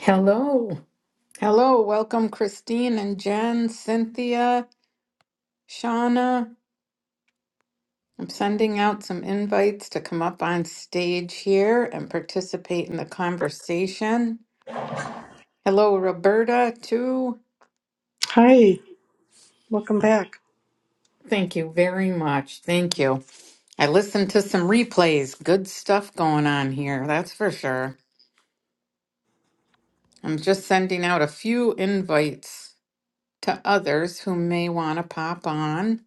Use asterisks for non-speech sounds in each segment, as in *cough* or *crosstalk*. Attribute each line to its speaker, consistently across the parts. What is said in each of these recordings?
Speaker 1: Hello. Hello. Welcome, Christine and Jen, Cynthia, Shauna. I'm sending out some invites to come up on stage here and participate in the conversation. Hello, Roberta, too.
Speaker 2: Hi, welcome back.
Speaker 1: Thank you very much. Thank you. I listened to some replays. Good stuff going on here, that's for sure. I'm just sending out a few invites to others who may want to pop on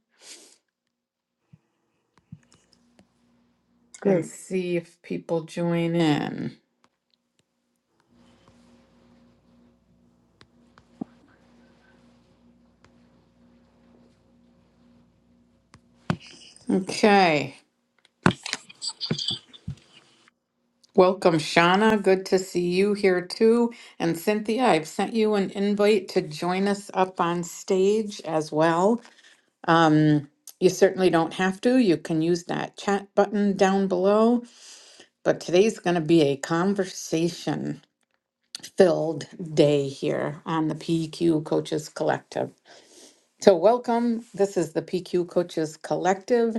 Speaker 1: and
Speaker 2: Great.
Speaker 1: see if people join in. Okay. Welcome, Shauna. Good to see you here too. And Cynthia, I've sent you an invite to join us up on stage as well. Um, you certainly don't have to. You can use that chat button down below. But today's going to be a conversation filled day here on the PQ Coaches Collective. So, welcome. This is the PQ Coaches Collective,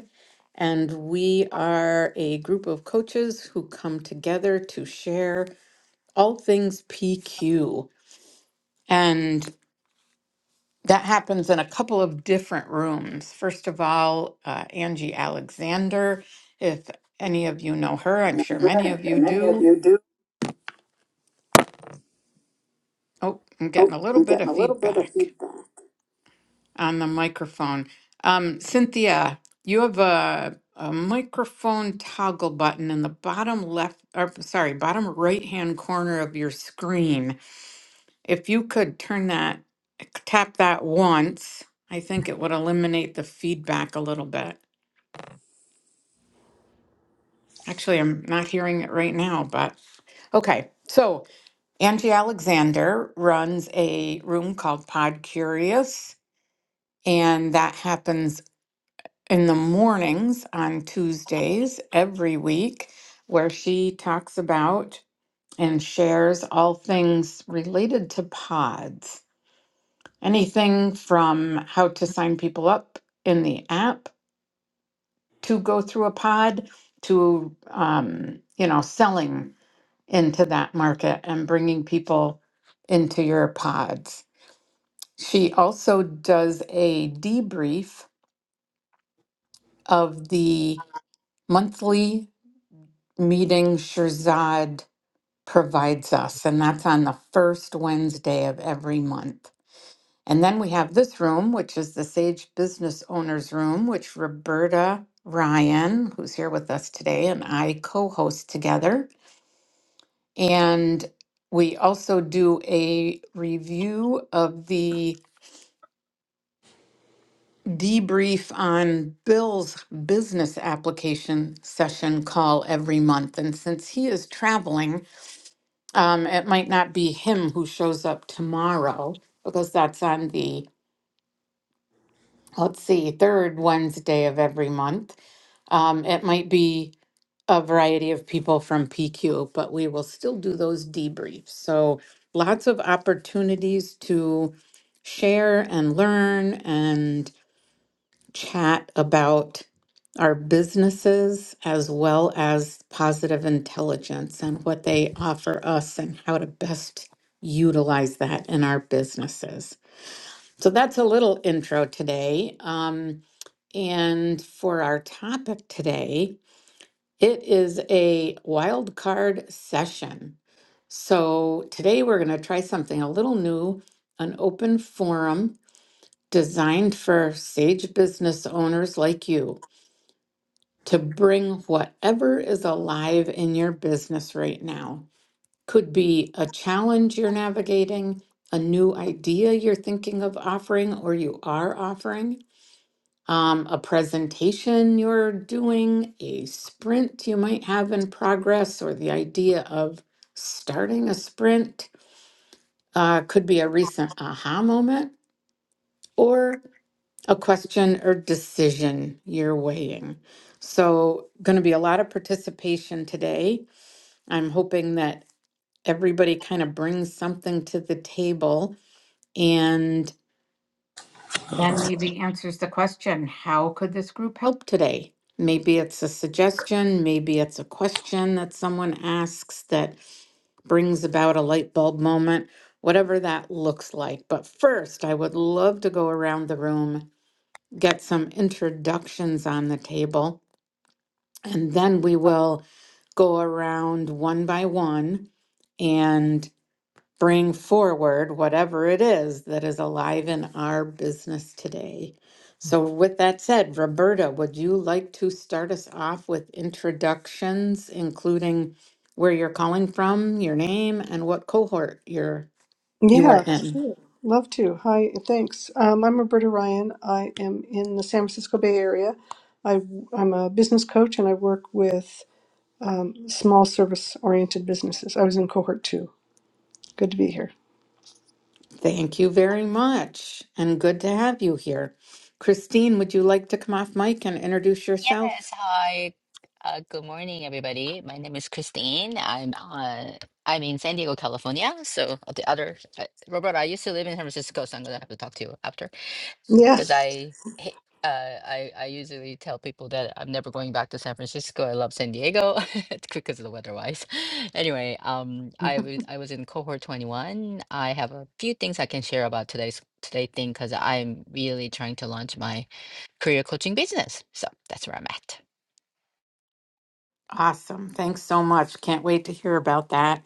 Speaker 1: and we are a group of coaches who come together to share all things PQ. And that happens in a couple of different rooms. First of all, uh, Angie Alexander, if any of you know her, I'm
Speaker 3: I'm
Speaker 1: sure many of
Speaker 3: sure
Speaker 1: you
Speaker 3: many of
Speaker 1: do.
Speaker 3: you do.
Speaker 1: Oh, I'm getting
Speaker 3: Oh,
Speaker 1: a little
Speaker 3: I'm
Speaker 1: bit
Speaker 3: getting
Speaker 1: of
Speaker 3: a little bit of
Speaker 1: feedback
Speaker 3: feedback.
Speaker 1: on the microphone. Um, Cynthia, you have a, a microphone toggle button in the bottom left, or sorry, bottom right hand corner of your screen. If you could turn that, tap that once, I think it would eliminate the feedback a little bit. Actually, I'm not hearing it right now, but okay. So Angie Alexander runs a room called Pod Curious, and that happens in the mornings on Tuesdays every week, where she talks about and shares all things related to pods. anything from how to sign people up in the app to go through a pod to um, you know selling into that market and bringing people into your pods she also does a debrief of the monthly meeting shirzad provides us and that's on the first wednesday of every month And then we have this room, which is the Sage Business Owners Room, which Roberta Ryan, who's here with us today, and I co host together. And we also do a review of the debrief on Bill's business application session call every month. And since he is traveling, um, it might not be him who shows up tomorrow because that's on the let's see, third Wednesday of every month. Um, it might be a variety of people from PQ, but we will still do those debriefs. So lots of opportunities to share and learn and chat about our businesses as well as positive intelligence and what they offer us and how to best utilize that in our businesses. So that's a little intro today. Um, and for our topic today, it is a wild card session. So today we're going to try something a little new an open forum designed for sage business owners like you to bring whatever is alive in your business right now. Could be a challenge you're navigating, a new idea you're thinking of offering or you are offering um, a presentation you're doing, a sprint you might have in progress, or the idea of starting a sprint uh, could be a recent aha moment or a question or decision you're weighing. So, going to be a lot of participation today. I'm hoping that everybody kind of brings something to the table and. Then maybe answers the question, how could this group help today? Maybe it's a suggestion, maybe it's a question that someone asks that brings about a light bulb moment, whatever that looks like. But first, I would love to go around the room, get some introductions on the table, and then we will go around one by one and bring forward whatever it is that is alive in our business today. So, with that said, Roberta, would you like to start us off with introductions, including where you're calling from, your name, and what cohort you're you are
Speaker 2: Yeah,
Speaker 1: in?
Speaker 2: sure. Love to. Hi, thanks. Um, I'm Roberta Ryan. I am in the San Francisco Bay Area. I, I'm a business coach and I work with um, small service oriented businesses. I was in cohort two. Good to be here.
Speaker 1: Thank you very much, and good to have you here. Christine, would you like to come off mic and introduce yourself?
Speaker 4: Yes, hi. Uh, good morning, everybody. My name is Christine. I'm uh, I'm in San Diego, California. So uh, the other, uh, Robert, I used to live in San Francisco, so I'm gonna have to talk to you after because
Speaker 2: Yes.
Speaker 4: I hate- uh, I I usually tell people that I'm never going back to San Francisco. I love San Diego *laughs* because of the weather wise. *laughs* Anyway, um,
Speaker 1: *laughs*
Speaker 4: I was I was in cohort 21. I have a few things I can share about today's today thing because I'm really trying to launch my career coaching business. So that's where I'm at.
Speaker 1: Awesome. Thanks so much. Can't wait to hear about that.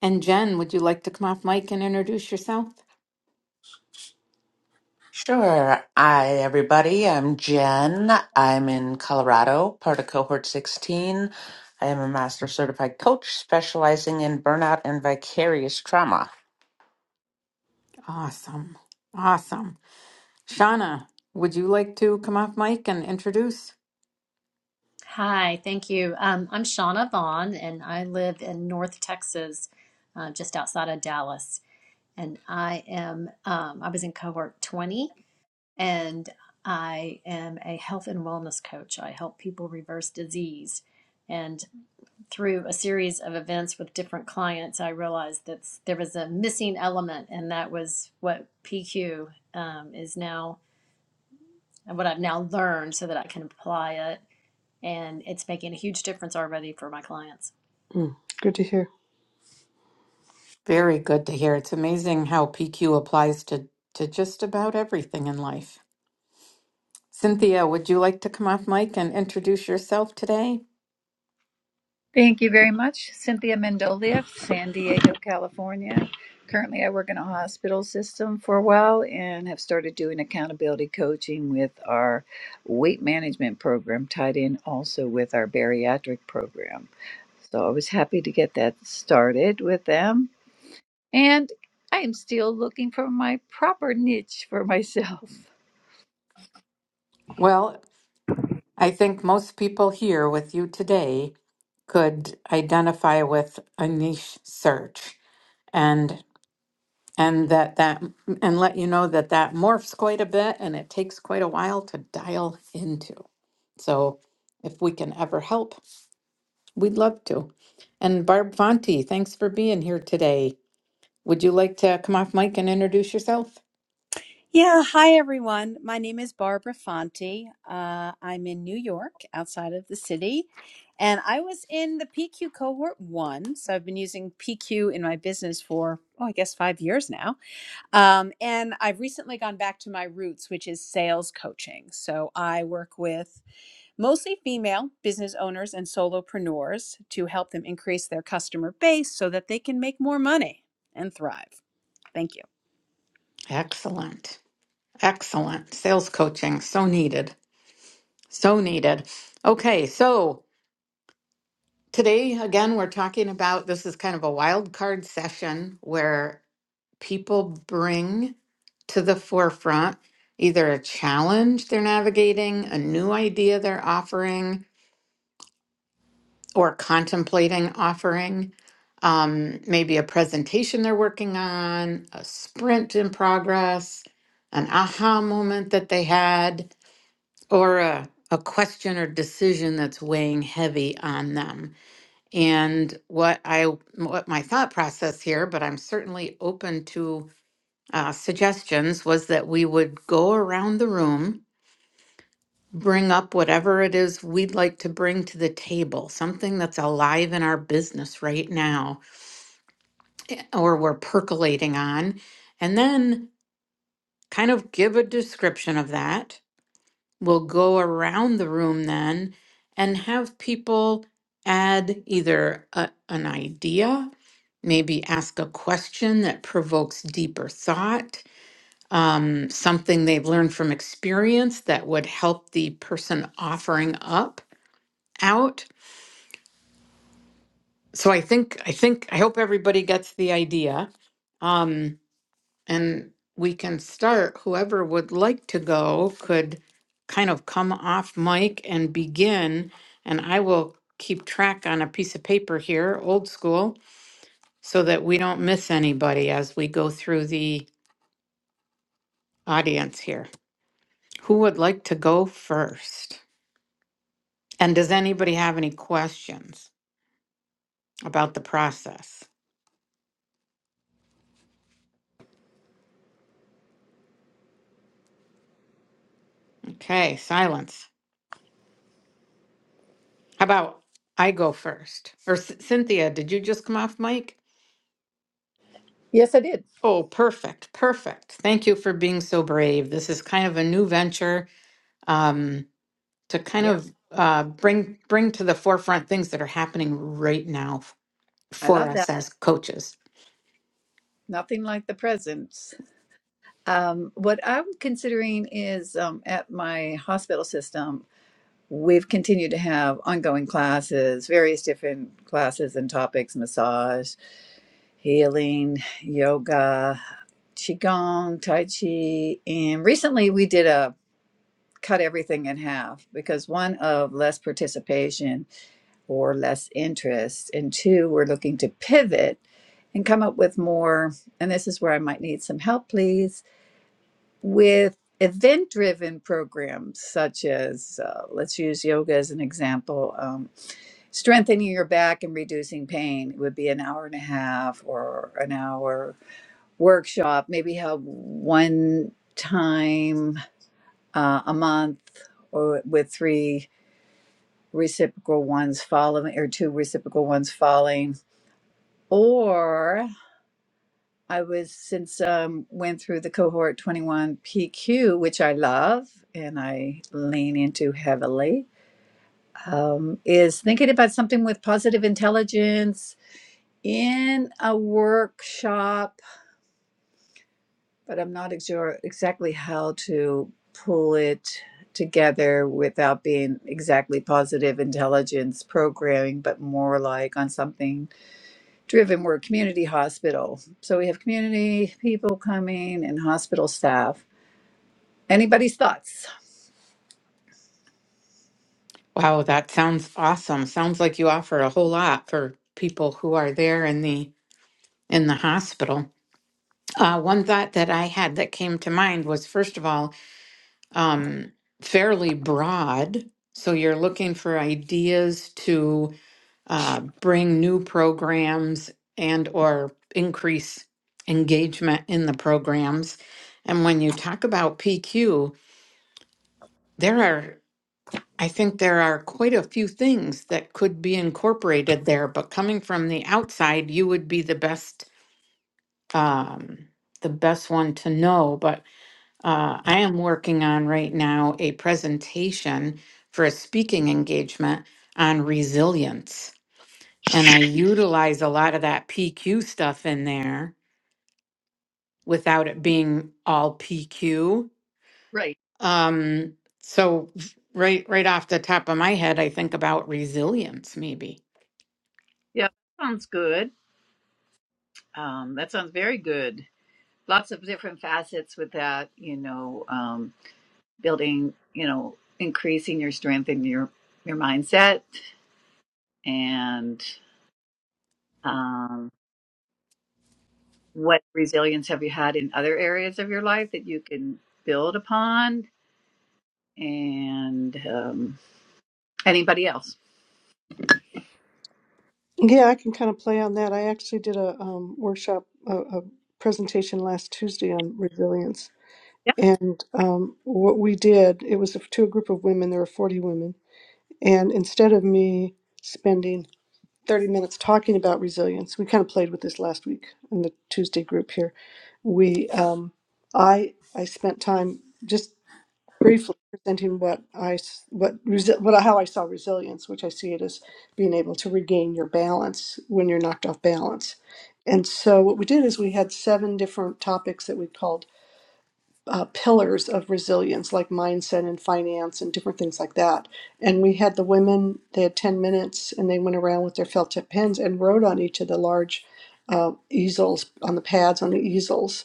Speaker 1: And Jen, would you like to come off mic and introduce yourself?
Speaker 5: Sure. Hi, everybody. I'm Jen. I'm in Colorado, part of Cohort 16. I am a master certified coach specializing in burnout and vicarious trauma.
Speaker 1: Awesome. Awesome. Shauna, would you like to come off mic and introduce?
Speaker 6: Hi, thank you. Um, I'm Shauna Vaughn, and I live in North Texas, uh, just outside of Dallas. And I am, um, I was in cohort 20, and I am a health and wellness coach. I help people reverse disease. And through a series of events with different clients, I realized that there was a missing element, and that was what PQ um, is now, and what I've now learned so that I can apply it and it's making a huge difference already for my clients.
Speaker 2: Mm, good to hear.
Speaker 1: Very good to hear. It's amazing how PQ applies to, to just about everything in life. Cynthia, would you like to come off mic and introduce yourself today?
Speaker 3: Thank you very much, Cynthia Mendolia, San Diego, California. Currently, I work in a hospital system for a while and have started doing accountability coaching with our weight management program, tied in also with our bariatric program. So I was happy to get that started with them. And I am still looking for my proper niche for myself.
Speaker 1: Well, I think most people here with you today could identify with a niche search. and. and that that and let you know that that morphs quite a bit and it takes quite a while to dial into. So if we can ever help, we'd love to. And Barb Fonte, thanks for being here today. Would you like to come off mic and introduce yourself?
Speaker 7: Yeah, hi everyone. My name is Barbara Fonte. Uh, I'm in New York, outside of the city, and I was in the PQ cohort one. So I've been using PQ in my business for, oh, I guess five years now. Um, and I've recently gone back to my roots, which is sales coaching. So I work with mostly female business owners and solopreneurs to help them increase their customer base so that they can make more money and thrive. Thank you.
Speaker 1: Excellent. Excellent. Sales coaching, so needed. So needed. Okay, so today again we're talking about this is kind of a wild card session where people bring to the forefront either a challenge they're navigating, a new idea they're offering or contemplating offering, um, maybe a presentation they're working on, a sprint in progress, an aha moment that they had, or a, a question or decision that's weighing heavy on them. And what I what my thought process here, but I'm certainly open to uh, suggestions was that we would go around the room, bring up whatever it is we'd like to bring to the table, something that's alive in our business right now or we're percolating on, and then kind of give a description of that. We'll go around the room then and have people add either a, an idea, maybe ask a question that provokes deeper thought um, something they've learned from experience that would help the person offering up out. So I think I think I hope everybody gets the idea, um, and we can start. Whoever would like to go could kind of come off mic and begin, and I will keep track on a piece of paper here, old school, so that we don't miss anybody as we go through the audience here. Who would like to go first? And does anybody have any questions about the process? Okay, silence. How about I go first? Or C- Cynthia, did you just come off mic?
Speaker 3: Yes, I did.
Speaker 1: Oh, perfect, perfect. Thank you for being so brave. This is kind of a new venture um, to kind
Speaker 3: Yeah,
Speaker 1: of uh, bring bring to the forefront things that are happening right now f-
Speaker 3: I
Speaker 1: for
Speaker 3: love that.
Speaker 1: us as coaches.
Speaker 3: Nothing like the presence. Um, what I'm considering is um, at my hospital system, we've continued to have ongoing classes, various different classes and topics massage, healing, yoga, Qigong, Tai Chi. And recently we did a cut everything in half because one of less participation or less interest, and two, we're looking to pivot and come up with more. And this is where I might need some help, please with event driven programs such as uh, let's use yoga as an example um, strengthening your back and reducing pain would be an hour and a half or an hour workshop maybe have one time uh, a month or with three reciprocal ones following or two reciprocal ones following or. I was since um, went through the cohort 21 PQ, which I love and I lean into heavily, um, is thinking about something with positive intelligence in a workshop, but I'm not sure exactly how to pull it together without being exactly positive intelligence programming, but more like on something driven. We're a community hospital. So we have community people coming and hospital staff Anybody's thoughts?
Speaker 1: Wow, that sounds awesome. Sounds like you offer a whole lot for people who are there in the in the hospital. Uh, one thought that I had that came to mind was first of all, um, fairly broad. So you're looking for ideas to uh, bring new programs and or increase engagement in the programs. And when you talk about PQ, there are I think there are quite a few things that could be incorporated there, but coming from the outside, you would be the best um, the best one to know. But Uh, I am working on right now a presentation for a speaking engagement on resilience. And I utilize a lot of that PQ stuff in there without it being all PQ.
Speaker 3: Right.
Speaker 1: Um, so f- right right off the top of my head, I think about resilience maybe.
Speaker 3: Yeah, sounds good. Um, that sounds very good. Lots of different facets with that, you know, um, building, you know, increasing your strength and your your mindset and um, what resilience have you had in other areas of your life that you can build upon and um, anybody else?
Speaker 2: Yeah, I can kind of play on that. I actually did a um, workshop, a, a presentation last Tuesday on resilience. And um, what we did, it was to a group of women, there were 40 women And instead of me spending 30 minutes talking about resilience, we kind of played with this last week in the Tuesday group here. We, um, I, I spent time just briefly presenting what I, s- what, resi- what how I saw resilience, which I see it as being able to regain your balance when you're knocked off balance. And so what we did is we had seven different topics that we called uh, pillars of resilience like mindset and finance and different things like that. And we had the women, they had 10 minutes and they went around with their felt tip pens and wrote on each of the large uh, easels, on the pads, on the easels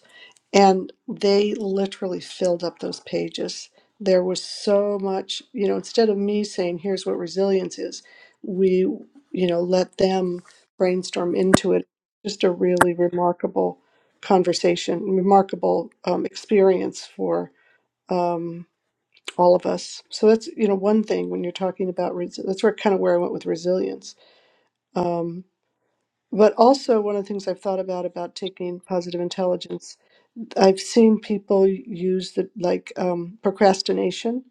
Speaker 2: and they literally filled up those pages there was so much you know instead of me saying here's what resilience is we you know let them brainstorm into it just a really remarkable conversation remarkable um, experience for um, all of us so that's you know one thing when you're talking about res- that's where kind of where i went with resilience um, but also one of the things i've thought about about taking positive intelligence I've seen people use the like um, procrastination,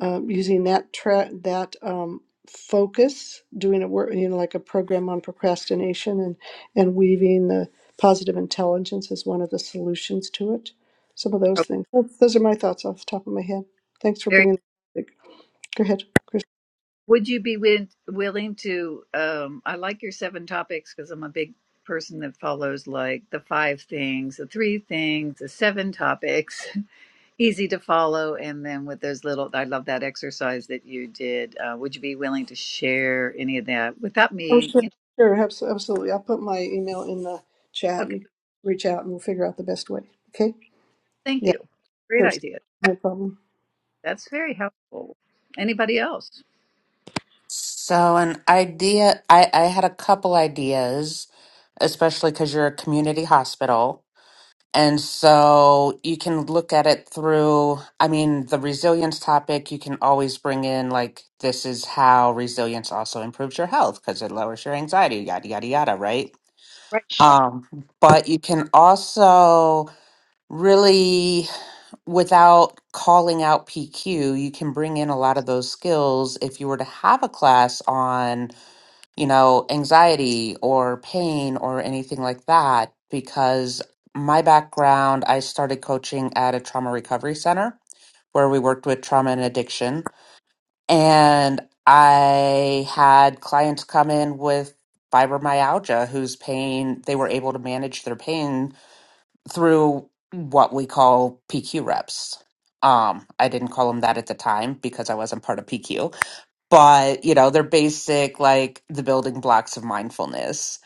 Speaker 2: um, using that tra- that um, focus, doing a work, you know, like a program on procrastination, and and weaving the positive intelligence as one of the solutions to it. Some of those
Speaker 3: Okay,
Speaker 2: things. Well, Those are my thoughts off the top of my head. Thanks for
Speaker 3: very.
Speaker 2: bringing. The topic. Go ahead, Chris.
Speaker 3: Would you be win- willing to? Um, I like your seven topics because I'm a big person that follows like the five things, the three things, the seven topics, *laughs* easy to follow. And then with those little, I love that exercise that you did. Uh, would you be willing to share any of that without
Speaker 2: Oh,
Speaker 3: me?
Speaker 2: sure,
Speaker 3: You
Speaker 2: sure, abs- absolutely. I'll put my email in the chat,
Speaker 3: know,
Speaker 2: and you
Speaker 3: okay,
Speaker 2: can reach out, and we'll figure out the best way. Okay?
Speaker 3: thank
Speaker 2: Yeah,
Speaker 3: you. Great
Speaker 2: sure.
Speaker 3: idea.
Speaker 2: No problem.
Speaker 3: That's very helpful. Anybody else?
Speaker 5: So, an idea I, I had a couple ideas, especially because you're a community hospital. And so you can look at it through, I mean, the resilience topic, you can always bring in like this is how resilience also improves your health because it lowers your anxiety, yada, yada, yada, right?
Speaker 3: Right.
Speaker 5: Um, but you can also really, without calling out PQ, you can bring in a lot of those skills if you were to have a class on you know, anxiety or pain or anything like that because my background, I started coaching at a trauma recovery center where we worked with trauma and addiction. And I had clients come in with fibromyalgia whose pain they were able to manage their pain through what we call PQ reps. Um, I didn't call them that at the time because I wasn't part of PQ but you know they're basic like the building blocks of mindfulness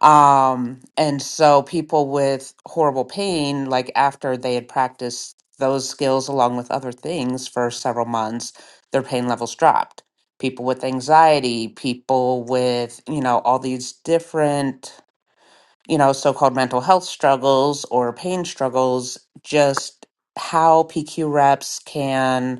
Speaker 5: um and so people with horrible pain like after they had practiced those skills along with other things for several months their pain levels dropped people with anxiety people with you know all these different you know so-called mental health struggles or pain struggles just how pq reps can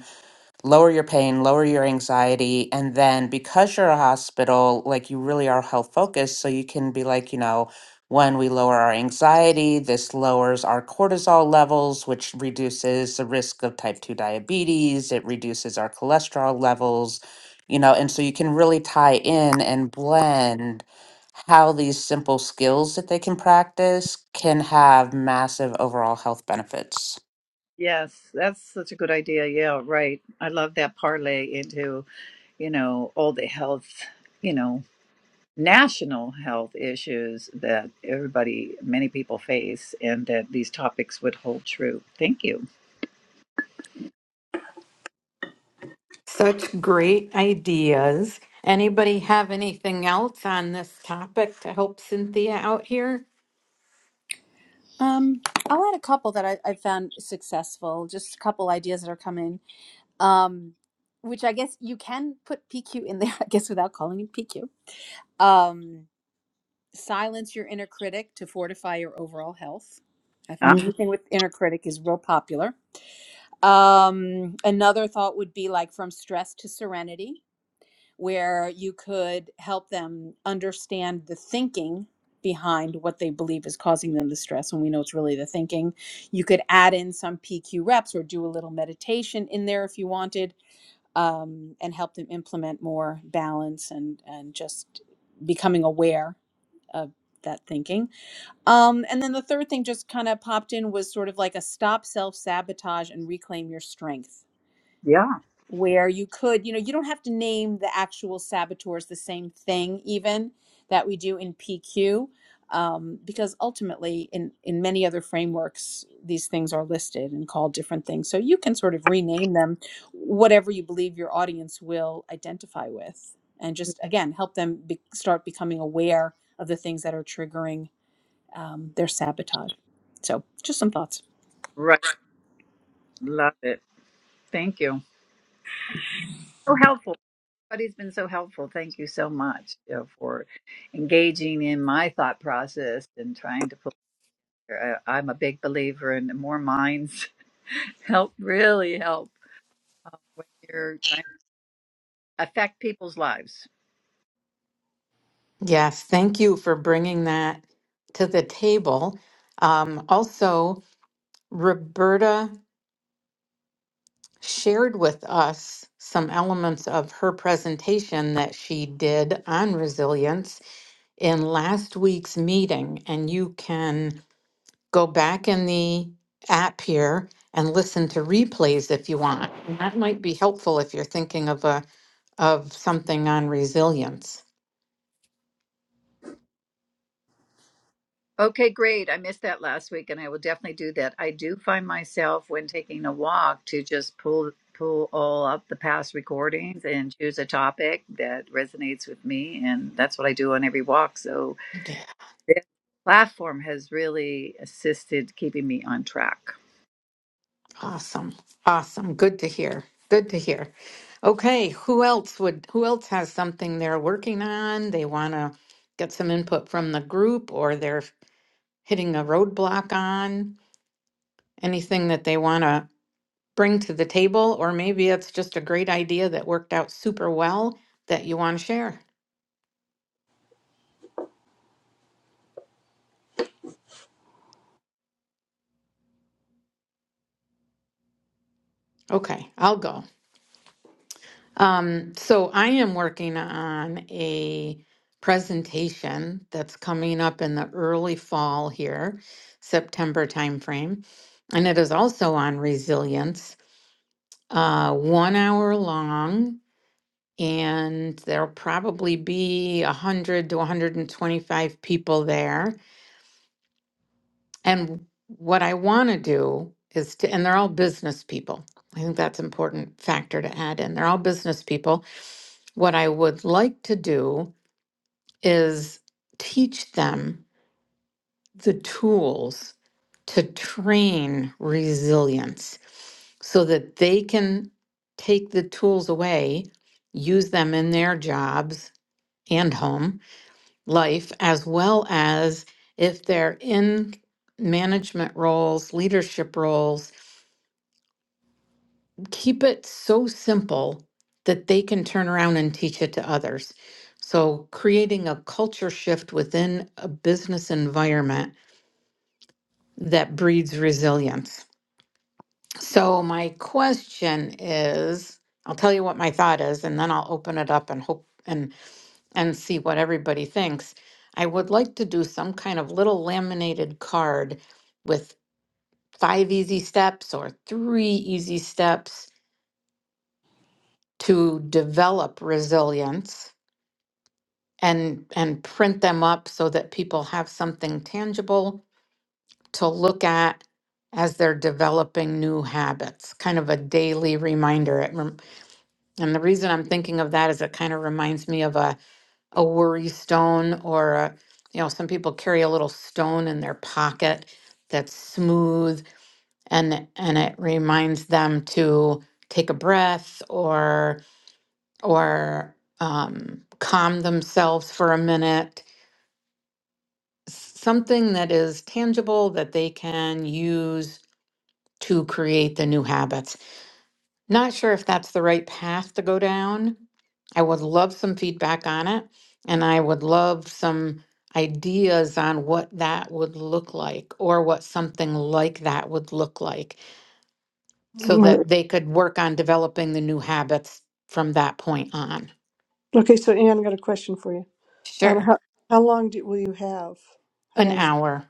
Speaker 5: lower your pain, lower your anxiety. And then because you're a hospital, like you really are health focused, so you can be like, you know, when we lower our anxiety, this lowers our cortisol levels, which reduces the risk of type 2 diabetes, it reduces our cholesterol levels, you know, and so you can really tie in and blend how these simple skills that they can practice can have massive overall health benefits.
Speaker 3: Yes, that's such a good idea. Yeah, right. I love that parlay into, you know, all the health, you know, national health issues that everybody, many people face, and that these topics would hold true. Thank you.
Speaker 1: Such great ideas. Anybody have anything else on this topic to help Cynthia out here?
Speaker 7: Um, I'll add a couple that I, I found successful, just a couple ideas that are coming, um, which I guess you can put PQ in there, *laughs* I guess, without calling it PQ. Um, silence your inner critic to fortify your overall health. I
Speaker 3: Ah,
Speaker 7: find *clears throat* anything with inner critic is real popular. Um, another thought would be like from stress to serenity where you could help them understand the thinking behind what they believe is causing them the stress and we know it's really the thinking you could add in some pq reps or do a little meditation in there if you wanted um, and help them implement more balance and and just becoming aware of that thinking um, and then the third thing just kind of popped in was sort of like a stop self sabotage and reclaim your strength
Speaker 3: yeah.
Speaker 7: where you could, you know, you don't have to name the actual saboteurs the same thing, even that we do in PQ, um, because ultimately, in in many other frameworks, these things are listed and called different things. So you can sort of rename them, whatever you believe your audience will identify with, and just again help them be, start becoming aware of the things that are triggering um, their sabotage. So, just some thoughts.
Speaker 3: Right. Love it. Thank you. So helpful. Everybody's been so helpful. Thank you so much you know, for engaging in my thought process and trying to I- I'm a big believer in more minds *laughs* help really help uh, when you're trying to affect people's lives.
Speaker 1: Yes, thank you for bringing that to the table. Um, also, Roberta shared with us some elements of her presentation that she did on resilience in last week's meeting, and you can go back in the app here and listen to replays if you want. And that might be helpful if you're thinking of a of something on resilience.
Speaker 3: Okay, great. I missed that last week, and I will definitely do that. I do find myself when taking a walk to just pull pull all up the past recordings and choose a topic that resonates with me, and that's what I do on every walk. So
Speaker 1: Okay.
Speaker 3: this platform has really assisted keeping me on track.
Speaker 1: Awesome. Awesome. Good to hear. Good to hear. Okay, who else would who else has something they're working on? They want to get some input from the group or they're hitting a roadblock on anything that they want to bring to the table or maybe it's just a great idea that worked out super well that you want to share. Okay, I'll go. Um, so I am working on a presentation that's coming up in the early fall here, September timeframe, and it is also on resilience. Uh, one hour long, and there'll probably be 100 to 125 people there. And what I want to do is to, and they're all business people. I think that's an important factor to add in. They're all business people. What I would like to do is teach them the tools to train resilience so that they can take the tools away, use them in their jobs and home life, as well as if they're in management roles, leadership roles, keep it so simple that they can turn around and teach it to others. So, creating a culture shift within a business environment that breeds resilience. So, my question is I'll tell you what my thought is, and then I'll open it up and hope and, and see what everybody thinks. I would like to do some kind of little laminated card with five easy steps or three easy steps to develop resilience and and print them up so that people have something tangible to look at as they're developing new habits, kind of a daily reminder. It rem- and the reason I'm thinking of that is it kind of reminds me of a, a worry stone or a, you know, some people carry a little stone in their pocket that's smooth and and it reminds them to take a breath or or um, calm themselves for a minute. Something that is tangible that they can use to create the new habits. Not sure if that's the right path to go down. I would love some feedback on it, and I would love some ideas on what that would look like or what something like that would look like so
Speaker 2: Mhm.
Speaker 1: that they could work on developing the new habits from that point on.
Speaker 2: Okay, so Anne, I've got a question for you. Um,
Speaker 1: Sure.
Speaker 2: how how long do, will you have? How
Speaker 1: An
Speaker 2: long is
Speaker 1: hour.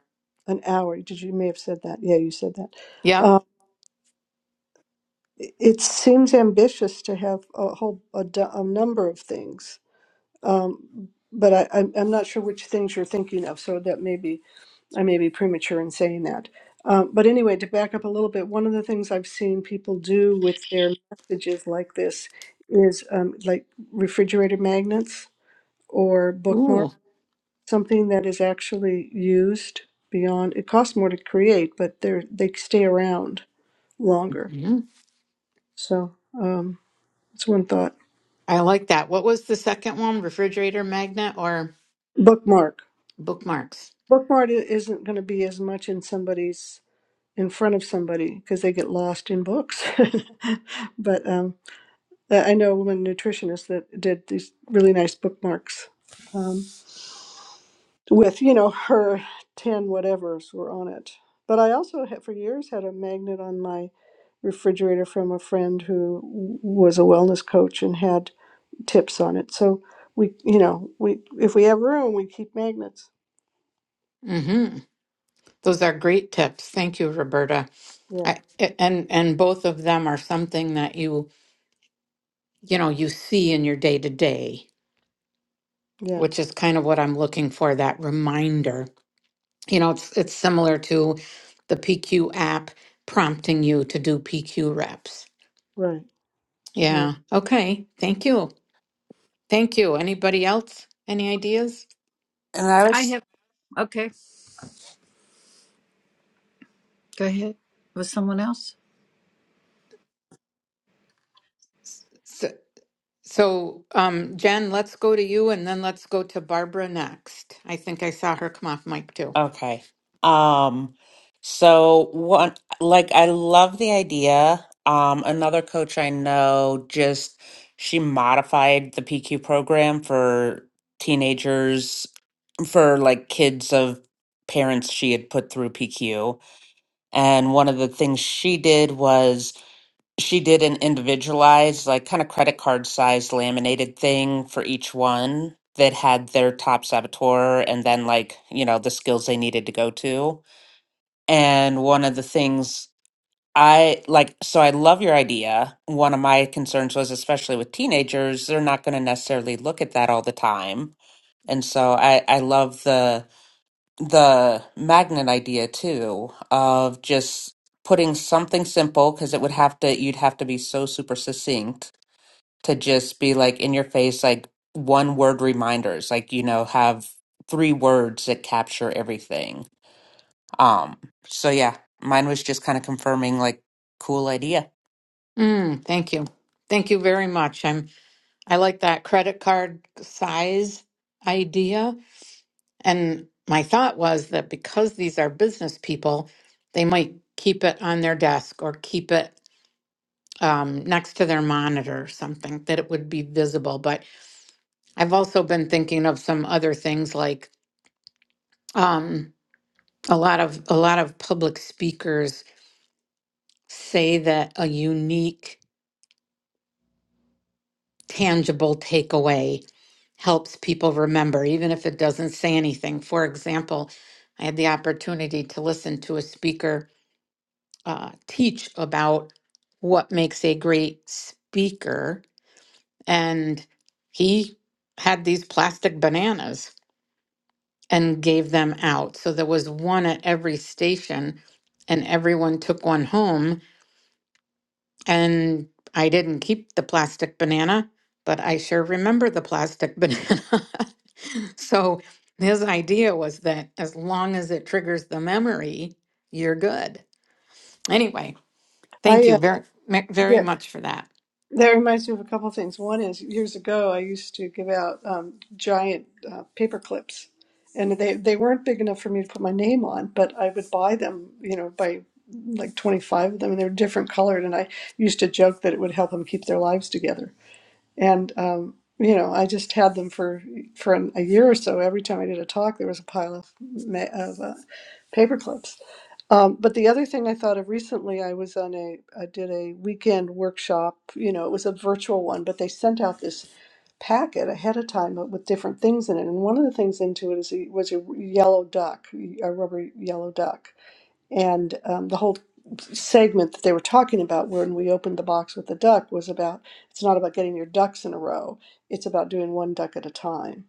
Speaker 2: an hour? Did you, you may have said that? Yeah, you said that.
Speaker 1: Yep.
Speaker 2: Um, it it seems ambitious to have a whole a, d- a number of things, um, but I, I'm I'm not sure which things you're thinking of. So that may be I may be premature in saying that. Um, but anyway, to back up a little bit, one of the things I've seen people do with their messages like this is um, like refrigerator magnets or bookmarks
Speaker 1: Ooh.
Speaker 2: something that is actually used beyond it costs more to create but they're they stay around longer
Speaker 1: mhm.
Speaker 2: so um that's one thought
Speaker 1: I like that. What was the second one? Refrigerator magnet or
Speaker 2: bookmark
Speaker 1: bookmarks?
Speaker 2: bookmark i- isn't going to be as much in somebody's in front of somebody because they get lost in books *laughs* but um i I know a woman nutritionist that did these really nice bookmarks Um, with you know her 10 whatevers were on it but i also had for years had a magnet on my refrigerator from a friend who w- was a wellness coach and had tips on it so we you know we if we have room we keep magnets
Speaker 1: Mm-hmm. Those are great tips. Thank you, Roberta.
Speaker 2: yeah
Speaker 1: I, and and both of them are something that you you know you see in your day to day,
Speaker 2: yeah
Speaker 1: which is kind of what I'm looking for. That reminder. You know, it's it's similar to the PQ app prompting you to do PQ reps.
Speaker 2: right right
Speaker 1: Yeah. Okay. Thank you. Thank you. Anybody else? Any ideas?
Speaker 5: And I
Speaker 3: I
Speaker 5: was
Speaker 3: have. Okay, go ahead. Was someone else?
Speaker 1: So, so um, Jen, let's go to you, and then let's go to Barbara next. I think I saw her come off mic too.
Speaker 5: Okay. Um, so one, like I love the idea. Um, another coach I know just she modified the PQ program for teenagers for like kids of parents she had put through PQ. And one of the things she did was she did an individualized, like kind of credit card size laminated thing for each one that had their top saboteur and then like, you know, the skills they needed to go to. And one of the things I like, so I love your idea. One of my concerns was, especially with teenagers, they're not going to necessarily look at that all the time. And so I, I love the the magnet idea too of just putting something simple because it would have to you'd have to be so super succinct to just be like in your face like one word reminders like you know have three words that capture everything um so yeah mine was just kind of confirming like cool idea
Speaker 1: Mm, thank you. Thank you very much. I'm I like that credit card size idea. And my thought was that because these are business people, they might keep it on their desk or keep it um, next to their monitor or something that it would be visible. But I've also been thinking of some other things like um, a lot of a lot of public speakers say that a unique tangible takeaway helps people remember, even if it doesn't say anything. For example, I had the opportunity to listen to a speaker uh, teach about what makes a great speaker, and he had these plastic bananas and gave them out. So there was one at every station, and everyone took one home And I didn't keep the plastic banana, but I sure remember the plastic *laughs* banana. so his idea was that as long as it triggers the memory, you're good. Anyway, thank
Speaker 2: i uh,
Speaker 1: you very,
Speaker 2: yeah
Speaker 1: very much for that.
Speaker 2: That reminds me of a couple of things. One is years ago, I used to give out um, giant uh, paper clips, and they, they weren't big enough for me to put my name on, but I would buy them, you know, by like 25 of them, and they were different colored. And I used to joke that it would help them keep their lives together. And, um, you know, I just had them for for an, a year or so. Every time I did a talk, there was a pile of, ma- of uh, paper clips um, but the other thing I thought of recently, I was on a, I did a weekend workshop. You know, it was a virtual one, but they sent out this packet ahead of time uh, with different things in it. And one of the things into it is a, was a yellow duck, a rubber yellow duck. And um, the whole segment that they were talking about when we opened the box with the duck was about it's not about getting your ducks in a row, it's about doing one duck at a time.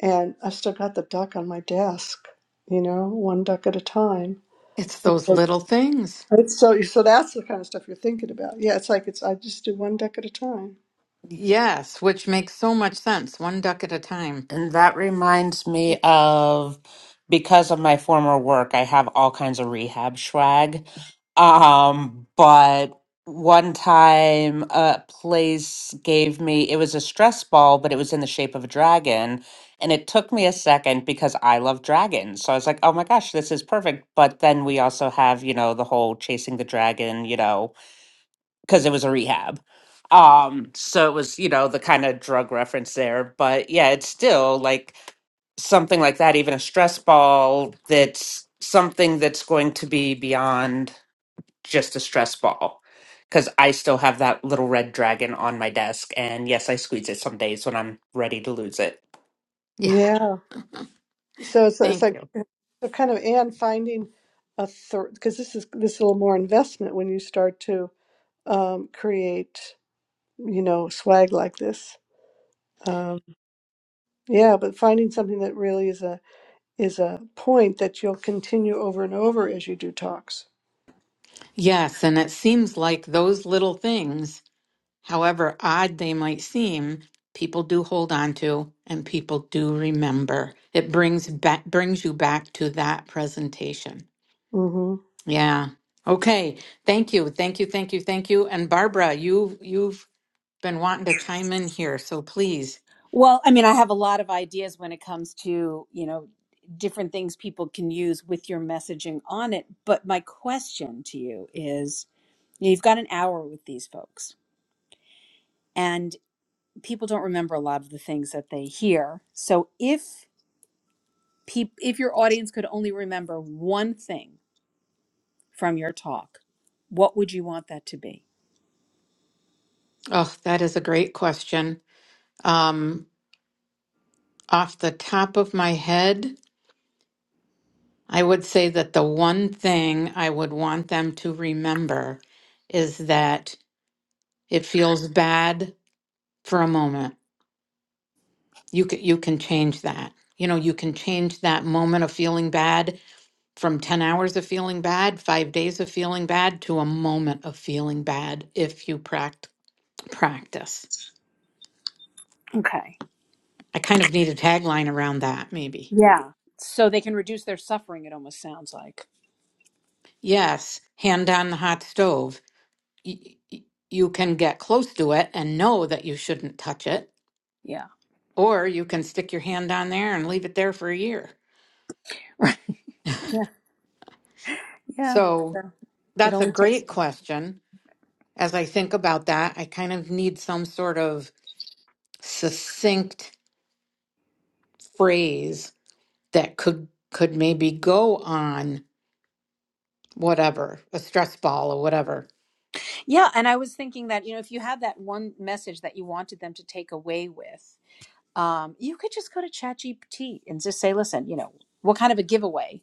Speaker 2: And I still got the duck on my desk, you know, one duck at a time.
Speaker 1: It's those little things.
Speaker 2: It's so so that's the kind of stuff you're thinking about. Yeah, it's like it's I just do one deck at a time.
Speaker 1: Yes, which makes so much sense. One duck at a time.
Speaker 5: And that reminds me of because of my former work, I have all kinds of rehab swag. Um, but one time a place gave me, it was a stress ball, but it was in the shape of a dragon. And it took me a second because I love dragons. So I was like, oh my gosh, this is perfect. But then we also have, you know, the whole chasing the dragon, you know, because it was a rehab. Um, so it was, you know, the kind of drug reference there. But yeah, it's still like something like that, even a stress ball that's something that's going to be beyond just a stress ball. Because I still have that little red dragon on my desk. And yes, I squeeze it some days when I'm ready to lose it.
Speaker 1: Yeah,
Speaker 2: Yeah. So it's it's
Speaker 1: thank
Speaker 2: like
Speaker 1: you.
Speaker 2: so kind of and finding a third because this is this is a little more investment when you start to um, create you know swag like this. Um, yeah, but finding something that really is a is a point that you'll continue over and over as you do talks.
Speaker 1: Yes, and it seems like those little things However odd they might seem, people do hold on to and people do remember. It brings back brings you back to that presentation.
Speaker 2: Mm-hmm.
Speaker 1: Yeah. Okay. Thank you. Thank you. Thank you. Thank you. And Barbara, you you've been wanting to chime in here, so please.
Speaker 7: Well, I mean, I have a lot of ideas when it comes to, you know, different things people can use with your messaging on it. But my question to you is you know, you've got an hour with these folks, and people don't remember a lot of the things that they hear. So if peop- if your audience could only remember one thing from your talk, what would you want that to be?
Speaker 1: Oh, that is a great question. Um off the top of my head, I would say that the one thing I would want them to remember is that it feels bad for a moment. You can, you can change that. You know, you can change that moment of feeling bad from 10 hours of feeling bad, five days of feeling bad to a moment of feeling bad if you pract- practice.
Speaker 7: Okay.
Speaker 1: I kind of need a tagline around that, maybe.
Speaker 7: Yeah. So they can reduce their suffering, it almost sounds like.
Speaker 1: Yes, hand on the hot stove. Y- y- you can get close to it and know that you shouldn't touch it,
Speaker 7: Yeah. *laughs*
Speaker 1: or you can stick your hand on there and leave it there for a year.
Speaker 7: Right. Yeah. Yeah.
Speaker 1: So
Speaker 7: So It
Speaker 1: that's a
Speaker 7: only takes
Speaker 1: great question as I think about that, I kind of need some sort of succinct phrase that could could maybe go on whatever, a stress ball or whatever.
Speaker 7: Yeah, and I was thinking that, you know, if you had that one message that you wanted them to take away with, um, you could just go to ChatGPT and just say, listen, you know, what kind of a giveaway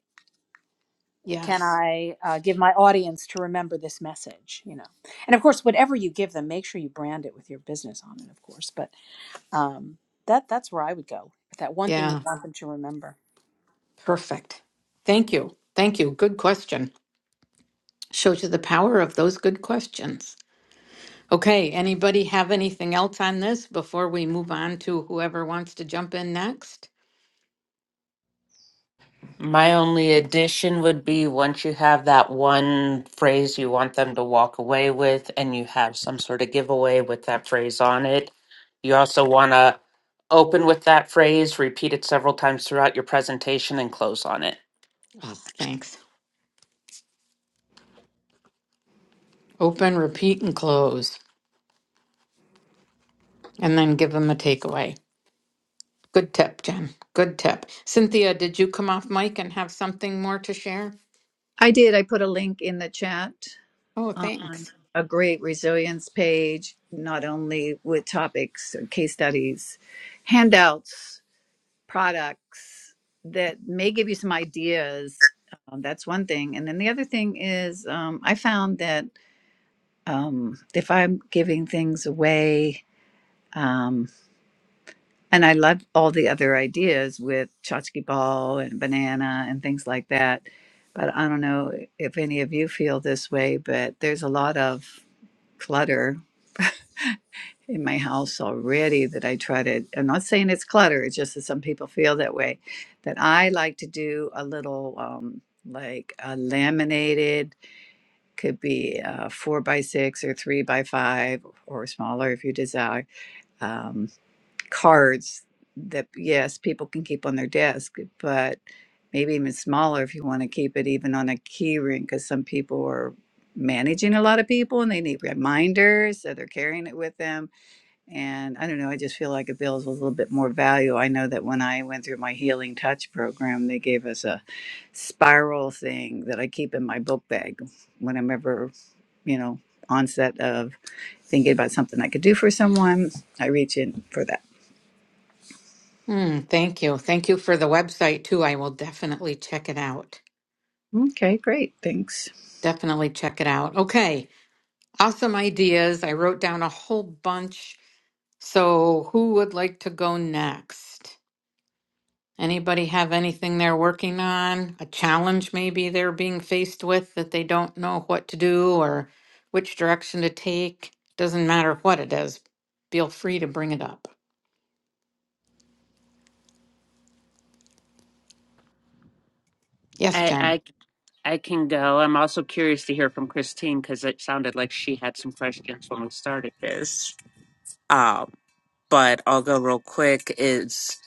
Speaker 7: can
Speaker 1: Yes.
Speaker 7: I uh, give my audience to remember this message? You know, and of course, whatever you give them, make sure you brand it with your business on it, of course. But um, that that's where I would go with that one thing that you
Speaker 1: Yeah.
Speaker 7: want them to remember.
Speaker 1: Perfect. Thank you. Thank you. Good question. Shows you the power of those good questions. Okay, anybody have anything else on this before we move on to whoever wants to jump in next?
Speaker 5: My only addition would be once you have that one phrase you want them to walk away with, and you have some sort of giveaway with that phrase on it, you also want to open with that phrase, repeat it several times throughout your presentation, and close on it.
Speaker 1: Oh, thanks. Open, repeat, and close, and then give them a takeaway. Good tip, Jen. Good tip. Cynthia, did you come off mic and have something more to share?
Speaker 3: I did. I put a link in the chat
Speaker 1: Oh,
Speaker 3: on
Speaker 1: thanks.
Speaker 3: a great resilience page, not only with topics, uh, case studies, handouts, products that may give you some ideas. Um, that's one thing. And then the other thing is, um, I found that um, if I'm giving things away, um, and I love all the other ideas with tchotchke ball and banana and things like that. But I don't know if any of you feel this way, but there's a lot of clutter in my house already that I try to. I'm not saying it's clutter, it's just that some people feel that way. That I like to do a little um, like a laminated, could be uh four by six or three by five or smaller if you desire um, cards that yes people can keep on their desk but maybe even smaller if you want to keep it even on a key ring because some people are managing a lot of people and they need reminders so they're carrying it with them and i don't know i just feel like it builds a little bit more value i know that when i went through my healing touch program they gave us a spiral thing that i keep in my book bag when i'm ever you know onset of thinking about something i could do for someone i reach in for that
Speaker 1: Mm, thank you. Thank you for the website too. I will definitely check it out.
Speaker 3: Okay, great. Thanks.
Speaker 1: Definitely check it out. Okay. Awesome ideas. I wrote down a whole bunch. So, who would like to go next? Anybody have anything they're working on? A challenge maybe they're being faced with that they don't know what to do or which direction to take? Doesn't matter what it is. Feel free to bring it up. Yes,
Speaker 5: I,
Speaker 1: Jen.
Speaker 5: I, I can go. I'm also curious to hear from Christine because it sounded like she had some questions when we started this. Um, but I'll go real quick. Is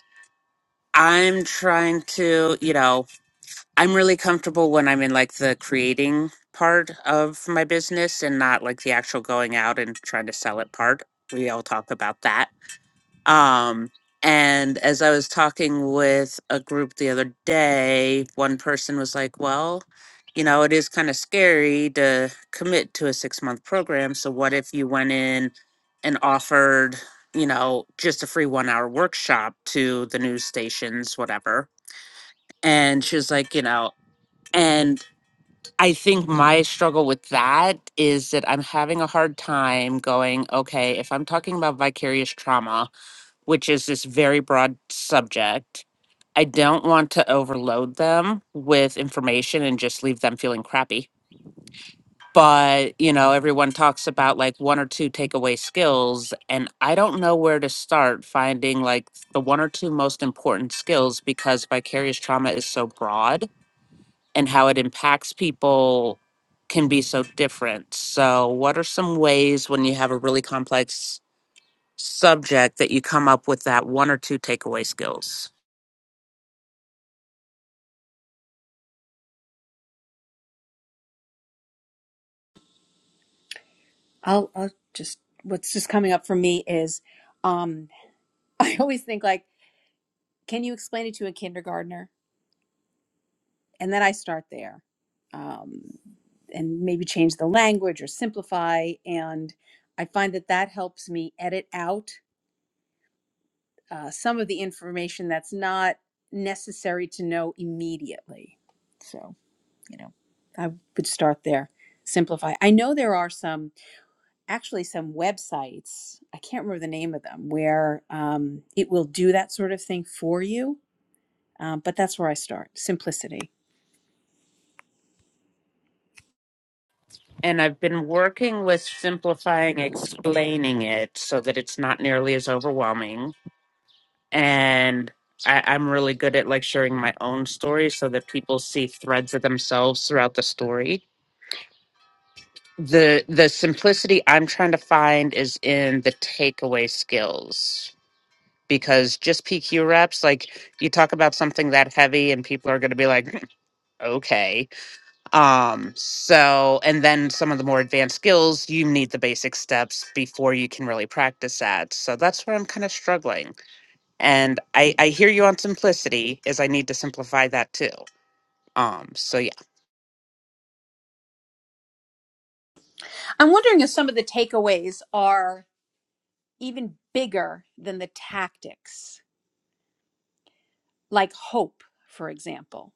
Speaker 5: I'm trying to, you know. I'm really comfortable when I'm in like the creating part of my business and not like the actual going out and trying to sell it part. We all talk about that. Um, and as I was talking with a group the other day, one person was like, Well, you know, it is kind of scary to commit to a six month program. So, what if you went in and offered, you know, just a free one hour workshop to the news stations, whatever? And she was like, You know, and I think my struggle with that is that I'm having a hard time going, okay, if I'm talking about vicarious trauma, which is this very broad subject, I don't want to overload them with information and just leave them feeling crappy. But, you know, everyone talks about like one or two takeaway skills, and I don't know where to start finding like the one or two most important skills because vicarious trauma is so broad and how it impacts people can be so different. So, what are some ways when you have a really complex subject that you come up with that one or two takeaway skills?
Speaker 7: I'll, I'll just what's just coming up for me is um, *laughs* I always think like, can you explain it to a kindergartner? and then I start there, um, and maybe change the language or simplify. And I find that that helps me edit out uh, some of the information that's not necessary to know immediately. So you know, I would start there. Simplify. I know there are some, actually, some websites. I can't remember the name of them where um, it will do that sort of thing for you. Um, but that's where I start. Simplicity.
Speaker 5: And I've been working with simplifying, explaining it so that it's not nearly as overwhelming. And I, I'm really good at like sharing my own story so that people see threads of themselves throughout the story. The the simplicity I'm trying to find is in the takeaway skills because just PQ reps, like you talk about something that heavy and people are going to be like, *laughs* okay. Um, so, and then some of the more advanced skills, you need the basic steps before you can really practice that. So that's where I'm kind of struggling. And I, I hear you on simplicity is I need to simplify that too. Um, so yeah.
Speaker 7: I'm wondering if some of the takeaways are even bigger than the tactics, like hope, for example.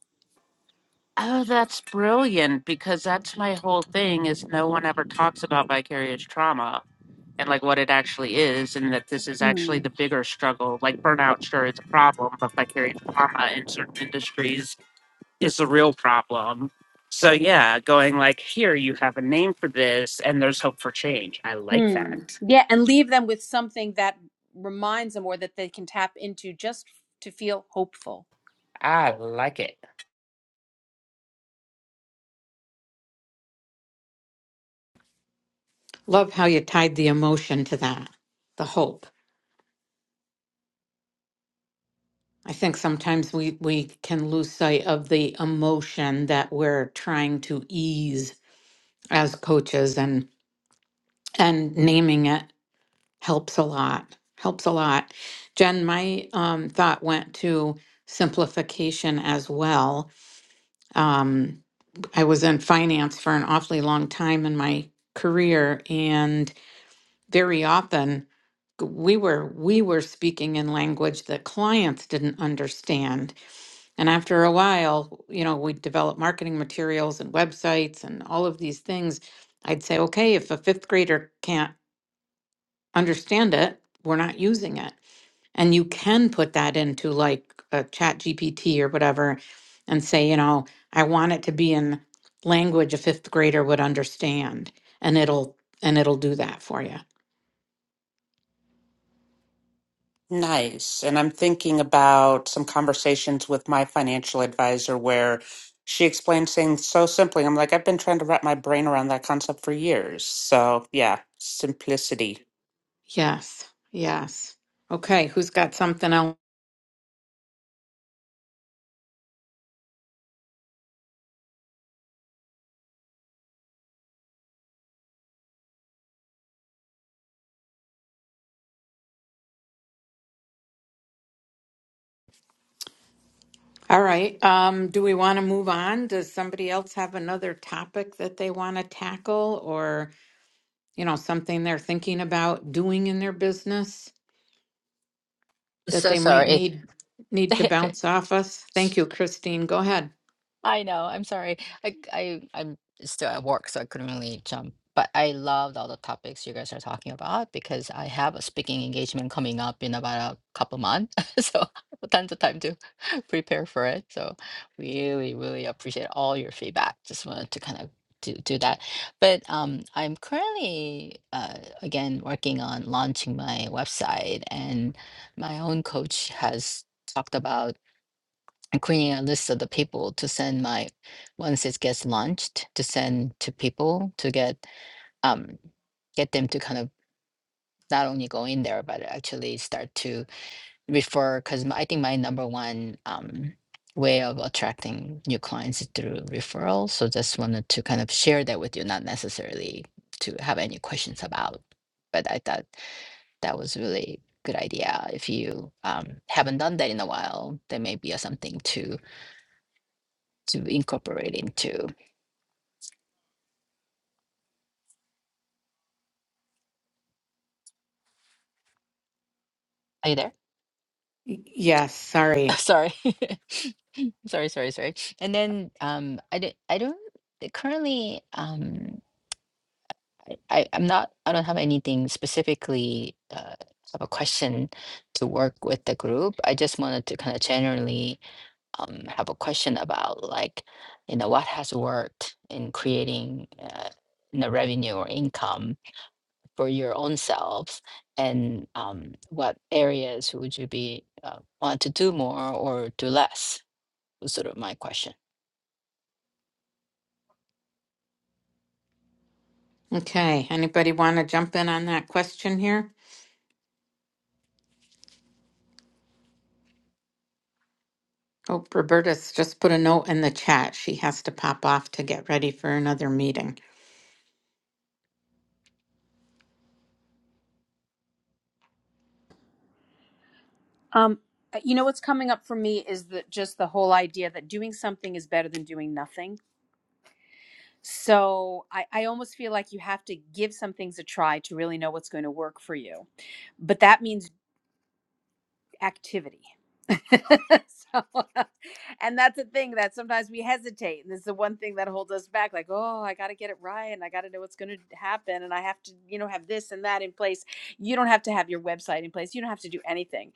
Speaker 5: Oh, that's brilliant because that's my whole thing is no one ever talks about vicarious trauma and like what it actually is and that this is actually
Speaker 7: Mm.
Speaker 5: the bigger struggle. Like burnout sure it's a problem, but vicarious trauma in certain industries is a real problem. So yeah, going like here you have a name for this and there's hope for change. I like
Speaker 7: Mm.
Speaker 5: that.
Speaker 7: Yeah, and leave them with something that reminds them or that they can tap into just to feel hopeful.
Speaker 5: I like it.
Speaker 1: Love how you tied the emotion to that, the hope. I think sometimes we, we can lose sight of the emotion that we're trying to ease as coaches and and naming it helps a lot helps a lot jen my um, thought went to simplification as well um, i was in finance for an awfully long time in my career and very often we were we were speaking in language that clients didn't understand and after a while you know we developed marketing materials and websites and all of these things i'd say okay if a fifth grader can't understand it we're not using it And you can put that into like a chat GPT or whatever and say, you know, I want it to be in language a fifth grader would understand. And it'll and it'll do that for you.
Speaker 5: Nice. And I'm thinking about some conversations with my financial advisor where she explained things so simply. I'm like, I've been trying to wrap my brain around that concept for years. So, yeah, simplicity.
Speaker 1: Yes. Yes. Okay, who's got something else? All right. Um, do we want to move on? Does somebody else have another topic that they want to tackle or you know, something they're thinking about doing in their business that
Speaker 4: So
Speaker 1: they might
Speaker 4: sorry.
Speaker 1: need need to
Speaker 4: *laughs*
Speaker 1: bounce off us? Thank you, Christine. Go ahead.
Speaker 4: I know. I'm sorry. I, I I'm still at work, so I couldn't really jump. But I loved all the topics you guys are talking about because I have a speaking engagement coming up in about a couple months, *laughs* so tons of time to *laughs* prepare for it. So really, really appreciate all your feedback. Just wanted to kind of do do that. But um, I'm currently uh, again working on launching my website, and my own coach has talked about i creating a list of the people to send my once it gets launched to send to people to get um get them to kind of not only go in there but actually start to refer because I think my number one um way of attracting new clients is through referrals. So just wanted to kind of share that with you, not necessarily to have any questions about, but I thought that was really good idea. If you um, haven't done that in a while, there may be a something to to incorporate into. Are you there?
Speaker 1: Y- Yes,
Speaker 4: *laughs*
Speaker 1: sorry.
Speaker 4: sorry, *laughs* sorry, sorry, sorry. And then um, I don't, I don't currently. Um, I, I- I'm not. I don't have anything specifically. Uh, have a question to work with the group. I just wanted to kind of generally um, have a question about like, you know, what has worked in creating uh, you know, revenue or income for your own self and um, what areas would you be uh, want to do more or do less was sort of my question
Speaker 1: Okay, anybody want to jump in on that question here? Oh, Roberta's just put a note in the chat. She has to pop off to get ready for another meeting.
Speaker 7: Um, uh, you know what's coming up for me is that just the whole idea that doing something is better than doing nothing. So I, I almost feel like you have to give some things a try to really know what's going to work for you. But that means activity. *laughs* so, and that's the thing that sometimes we hesitate. And this is the one thing that holds us back like, oh, I got to get it right. And I got to know what's going to happen. And I have to, you know, have this and that in place. You don't have to have your website in place. You don't have to do anything.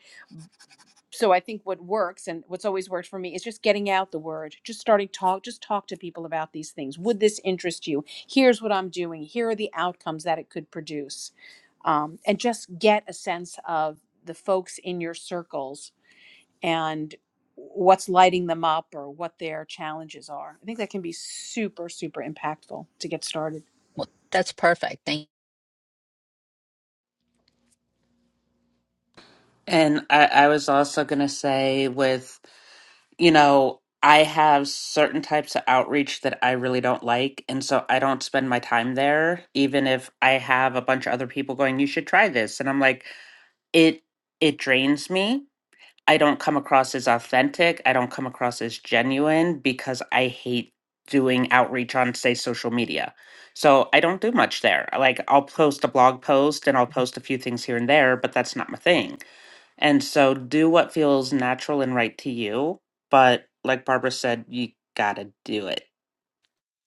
Speaker 7: So I think what works and what's always worked for me is just getting out the word, just starting talk, just talk to people about these things. Would this interest you? Here's what I'm doing. Here are the outcomes that it could produce. Um, and just get a sense of the folks in your circles and what's lighting them up or what their challenges are. I think that can be super, super impactful to get started.
Speaker 4: well that's perfect thank
Speaker 5: And I, I was also going to say, with, you know, I have certain types of outreach that I really don't like. And so I don't spend my time there, even if I have a bunch of other people going, you should try this. And I'm like, it, it drains me I don't come across as authentic. I don't come across as genuine because I hate doing outreach on, say, social media. So I don't do much there. Like I'll post a blog post and I'll post a few things here and there, but that's not my thing. And so do what feels natural and right to you. But like Barbara said, you got to do it.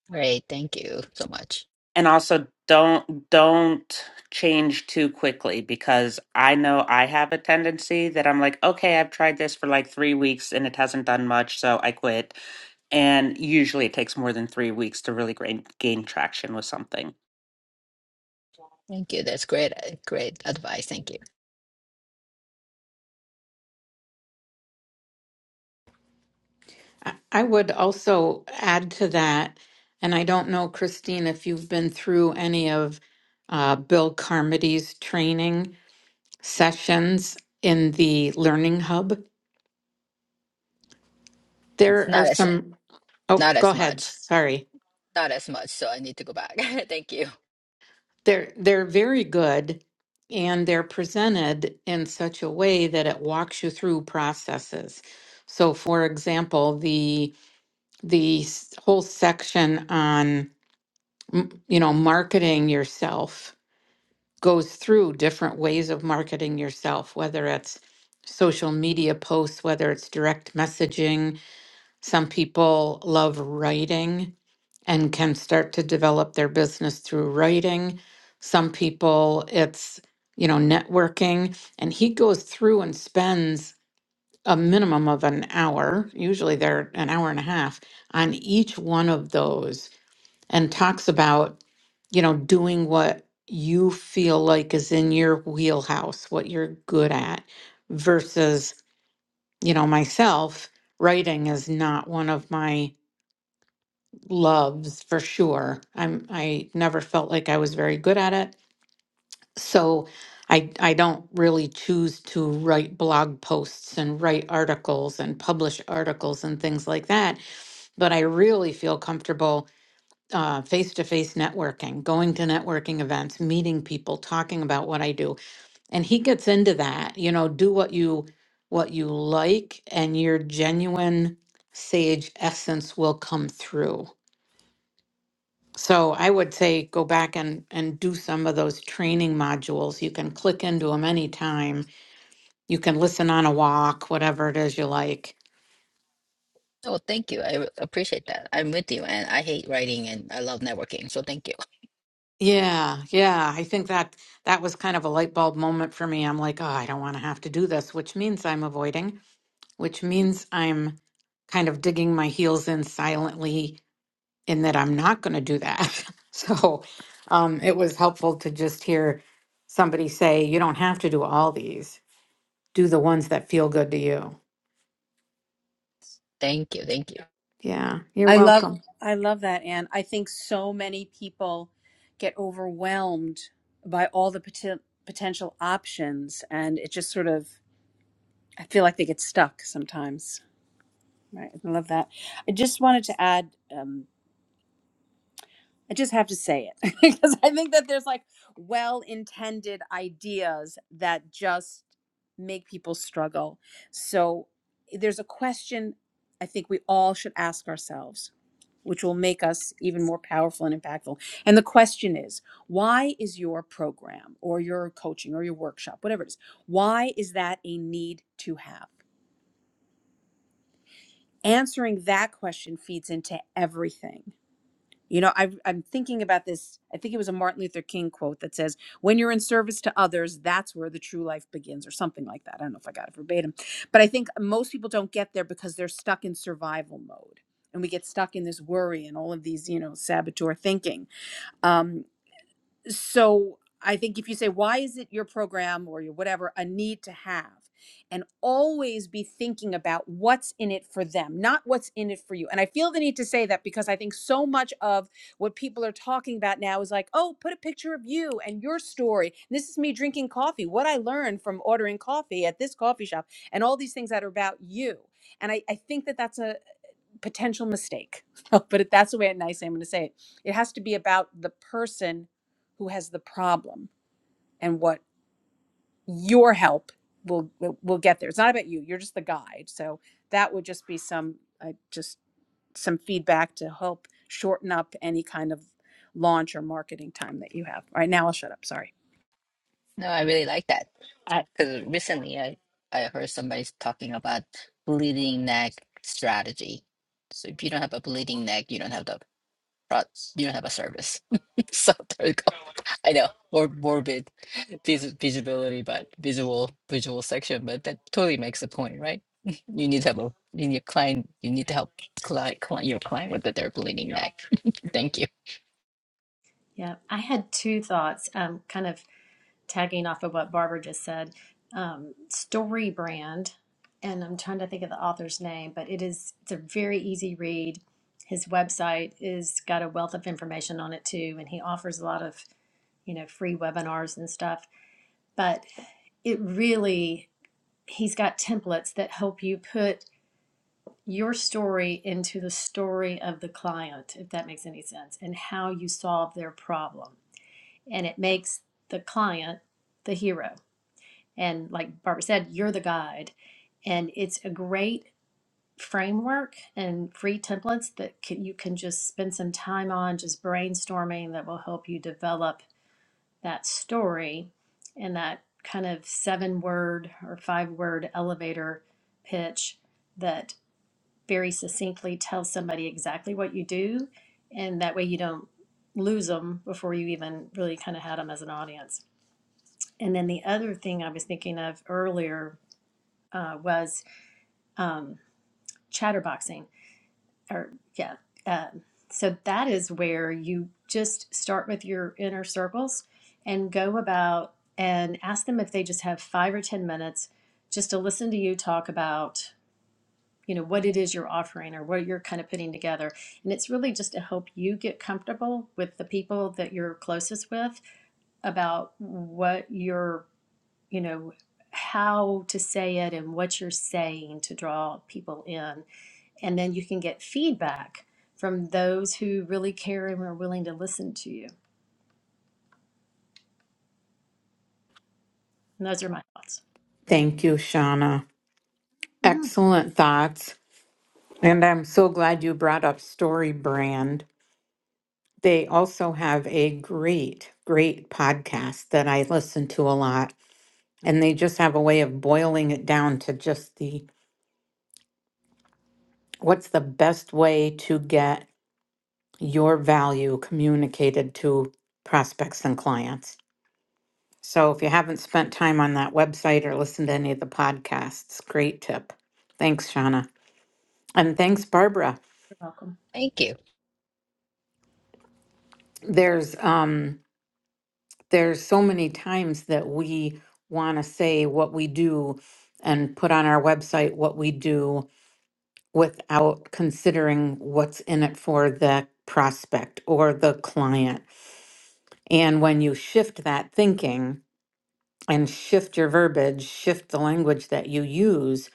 Speaker 4: great thank you so much
Speaker 5: and also don't don't change too quickly because I know I have a tendency that I'm like, okay, I've tried this for like 3 weeks and it hasn't done much, so I quit. And usually it takes more than 3 weeks to really gain, gain traction with something.
Speaker 4: thank you that's great uh, great advice thank you
Speaker 1: I I would also add to that, and I don't know, Christine, if you've been through any of uh, Bill Carmody's training sessions in the Learning Hub. There are
Speaker 4: not as
Speaker 1: some, oh,
Speaker 4: not
Speaker 1: go
Speaker 4: as
Speaker 1: ahead,
Speaker 4: much
Speaker 1: sorry.
Speaker 4: not as much so i need to go back *laughs* thank you
Speaker 1: They're, they're very good and they're presented in such a way that it walks you through processes. So for example, the the s- whole section on m- you know marketing yourself goes through different ways of marketing yourself, whether it's social media posts, whether it's direct messaging, Some people love writing and can start to develop their business through writing. Some people, it's, you know, networking. And he goes through and spends a minimum of an hour, usually they're an hour and a half, on each one of those and talks about, you know, doing what you feel like is in your wheelhouse, what you're good at, versus, you know, myself, writing is not one of my loves for sure. I'm I never felt like I was very good at it. So I I don't really choose to write blog posts and write articles and publish articles and things like that, but I really feel comfortable uh, face-to-face networking, going to networking events, meeting people, talking about what I do. And he gets into that, you know, do what you what you like and your genuine sage essence will come through So I would say go back and, and do some of those training modules. You can click into them anytime. You can listen on a walk, whatever it is you like.
Speaker 4: oh thank you i appreciate that i'm with you and i hate writing and i love networking so thank you
Speaker 1: Yeah, yeah. I think that that was kind of a light bulb moment for me. I'm like, oh, I don't want to have to do this, which means I'm avoiding, which means I'm kind of digging my heels in silently in that I'm not going to do that. *laughs* so um, it was helpful to just hear somebody say, you don't have to do all these do the ones that feel good to you.
Speaker 4: *laughs* thank you thank you
Speaker 1: Yeah, you're
Speaker 7: I love
Speaker 1: welcome.
Speaker 7: I love that, Anne. I think so many people get overwhelmed by all the poten- potential options, and it just sort of I feel like they get stuck sometimes. Right, I love that. I just wanted to add. um, I just have to say it *laughs* because I think that there's like well intended ideas that just make people struggle. So eh, there's a question I think we all should ask ourselves, which will make us even more powerful and impactful. And the question is why is your program or your coaching or your workshop, whatever it is, why is that a need to have? Answering that question feeds into everything You know, I, I'm thinking about this. I think it was a Martin Luther King quote that says, When you're in service to others, that's where the true life begins, or something like that. I don't know if I got it verbatim. But I think most people don't get there because they're stuck in survival mode. And we get stuck in this worry and all of these, you know, saboteur thinking. Um, so I think if you say, why is it your program or your whatever a need to have? And always be thinking about what's in it for them, not what's in it for you. And I feel the need to say that because I think so much of what people are talking about now is like, oh, put a picture of you and your story. This is me drinking coffee, what I learned from ordering coffee at this coffee shop, and all these things that are about you. And I, I think that that's a potential mistake. *laughs* but that's the way it nice I'm going to say it. It has to be about the person who has the problem and what your help will will will get there. It's not about you. You're just the guide. So that would just be some uh, just some feedback to help shorten up any kind of launch or marketing time that you have. All right, now I'll shut up. Sorry.
Speaker 4: no i really like that
Speaker 5: I,
Speaker 4: Because recently I, I heard somebody talking about bleeding neck strategy. So if you don't have a bleeding neck, you don't have the pro- you don't have a service. *laughs* so there you go. I know more morbid vis- visibility, but visual visual section, but that totally makes the point, right? *laughs* You need to have a you need a client. You need to help client, client your client with their bleeding neck. Thank you.
Speaker 6: Yeah, I had two thoughts, um, kind of tagging off of what Barbara just said. Um, story brand, and I'm trying to think of the author's name, but it is it's a very easy read. His website is got a wealth of information on it too, and he offers a lot of you know free webinars and stuff. But it really he's got templates that help you put your story into the story of the client, if that makes any sense, and how you solve their problem. And it makes the client the hero. And like Barbara said, you're the guide. And it's a great framework and free templates that can, you can just spend some time on, just brainstorming that will help you develop that story and that kind of seven word or five word elevator pitch that very succinctly tell somebody exactly what you do, and that way you don't lose them before you even really kind of had them as an audience. And then the other thing I was thinking of earlier uh, was um, chatterboxing, or yeah. Um, so that is where you just start with your inner circles and go about and ask them if they just have five or 10 minutes just to listen to you talk about you know what it is you're offering or what you're kind of putting together and it's really just to help you get comfortable with the people that you're closest with about what you're you know how to say it and what you're saying to draw people in and then you can get feedback from those who really care and are willing to listen to you and those are my thoughts
Speaker 1: Thank you, Shauna.
Speaker 6: Mhm.
Speaker 1: Excellent thoughts. And I'm so glad you brought up Story Brand. They also have a great, great podcast that I listen to a lot. And they just have a way of boiling it down to just the what's the best way to get your value communicated to prospects and clients. So if you haven't spent time on that website or listened to any of the podcasts, great tip. Thanks, Shauna. And thanks, Barbara.
Speaker 6: you're welcome
Speaker 4: Thank you.
Speaker 1: There's um there's so many times that we want to say what we do and put on our website what we do without considering what's in it for the prospect or the client. And when you shift that thinking and shift your verbiage, shift the language that you use,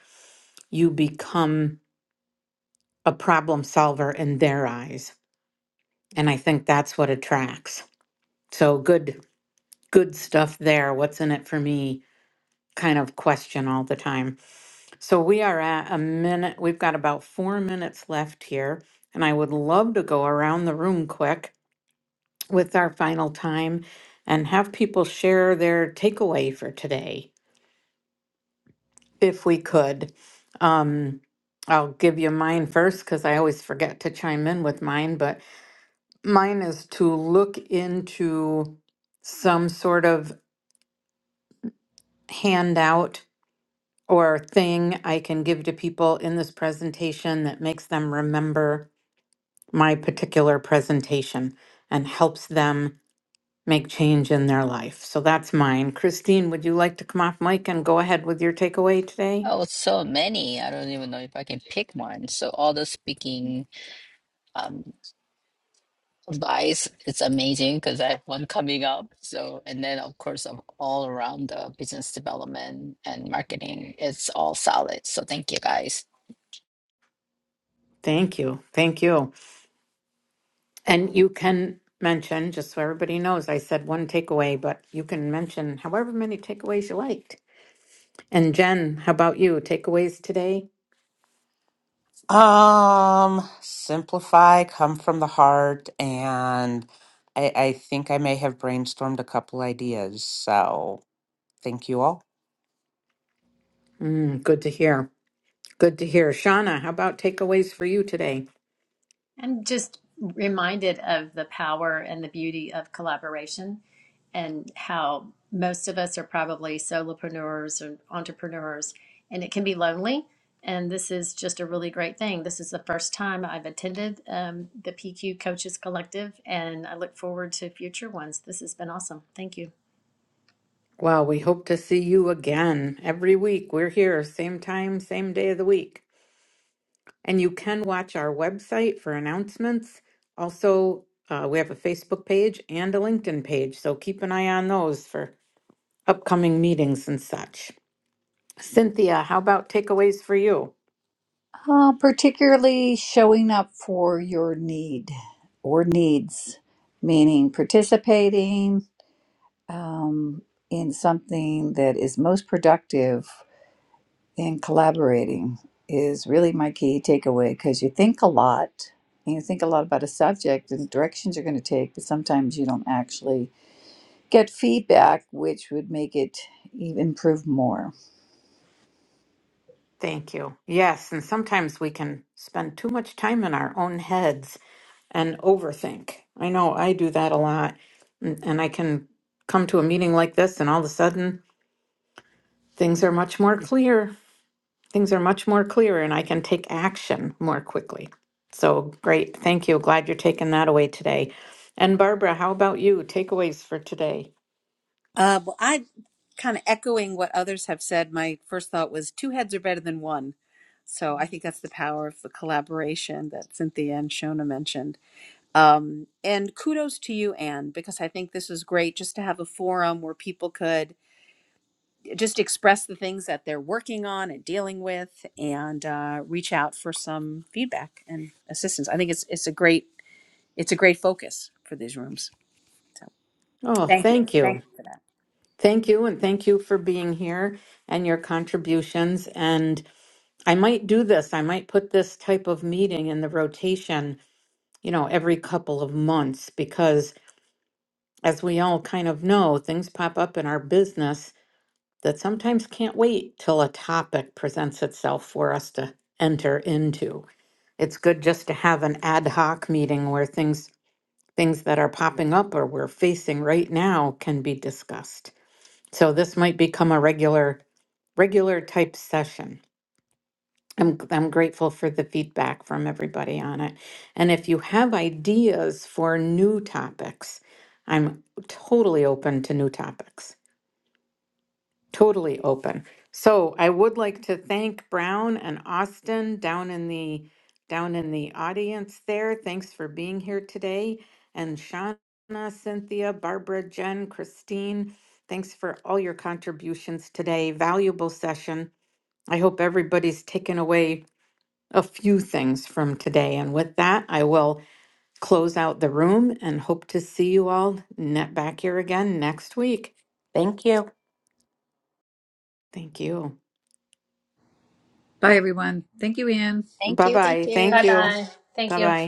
Speaker 1: you become a problem solver in their eyes. And I think that's what attracts. So good, good stuff there. What's in it for me? Kind of question all the time. So we are at a minute. We've got about four minutes left here. And I would love to go around the room quick with our final time and have people share their takeaway for today, if we could. Um, I'll give you mine first because I always forget to chime in with mine, but Mine is to look into some sort of handout or thing I can give to people in this presentation that makes them remember my particular presentation and helps them make change in their life. So that's mine. Christine, would you like to come off mic and go ahead with your takeaway today?
Speaker 4: Oh, so many. I don't even know if I can pick one. So all the speaking. um, Advice its amazing because I have one coming up. So, and then of course, of all around the business development and marketing, it's all solid. So, thank you guys.
Speaker 1: Thank you. Thank you. And you can mention, just so everybody knows, I said one takeaway, but you can mention however many takeaways you liked. And Jen, how about you? Takeaways today?
Speaker 5: um, simplify, come from the heart, and I, I think I may have brainstormed a couple ideas. So thank you all.
Speaker 1: Mm, good to hear. Good to hear. Shauna, how about takeaways for you today?
Speaker 6: I'm just reminded of the power and the beauty of collaboration and how most of us are probably solopreneurs and entrepreneurs, and it can be lonely. And this is just a really great thing. This is the first time I've attended um, the PQ Coaches Collective, and I look forward to future ones. This has been awesome. Thank you.
Speaker 1: Well, we hope to see you again every week. We're here, same time, same day of the week. And you can watch our website for announcements. Also, uh, we have a Facebook page and a LinkedIn page, so keep an eye on those for upcoming meetings and such. Cynthia, how about takeaways for you?
Speaker 3: Uh, particularly showing up for your need or needs, meaning participating um, in something that is most productive in collaborating is really my key takeaway because you think a lot and you think a lot about a subject and the directions you're going to take, but sometimes you don't actually get feedback, which would make it even improve more.
Speaker 1: Thank you. Yes, and sometimes we can spend too much time in our own heads and overthink. I know I do that a lot, and, and I can come to a meeting like this, and all of a sudden things are much more clear. Things are much more clear, and I can take action more quickly. So great. Thank you. Glad you're taking that away today. And Barbara, how about you? Takeaways for today?
Speaker 7: Uh, well, I kind of echoing what others have said. My first thought was two heads are better than one. So I think that's the power of the collaboration that Cynthia and Shona mentioned. Um, and kudos to you, Anne, because I think this is great just to have a forum where people could just express the things that they're working on and dealing with and uh, reach out for some feedback and assistance. I think it's, it's a great, it's a great focus for these rooms. So
Speaker 1: Oh,
Speaker 7: thank you.
Speaker 1: thank you.
Speaker 7: Thank you for that.
Speaker 1: Thank you, and thank you for being here and your contributions. And I might do this, I might put this type of meeting in the rotation, you know, every couple of months, because as we all kind of know, things pop up in our business that sometimes can't wait till a topic presents itself for us to enter into. It's good just to have an ad hoc meeting where things things that are popping up or we're facing right now can be discussed. So this might become a regular regular type session. I'm, I'm grateful for the feedback from everybody on it. And if you have ideas for new topics, I'm totally open to new topics. Totally open. So I would like to thank Brown and Austin down in the down in the audience there. Thanks for being here today. And Shauna, Cynthia, Barbara, Jen, Christine, thanks for all your contributions today. Valuable session. I hope everybody's taken away a few things from today. And with that, I will close out the room and hope to see you all net back here again next week.
Speaker 5: Thank you.
Speaker 1: Thank you.
Speaker 3: Bye, everyone. Thank you, Anne.
Speaker 4: Thank
Speaker 1: Bye
Speaker 4: you. Thank
Speaker 1: bye.
Speaker 4: you.
Speaker 1: Thank
Speaker 6: Bye
Speaker 1: you.
Speaker 6: bye. Thank
Speaker 1: Bye
Speaker 6: you.
Speaker 1: bye.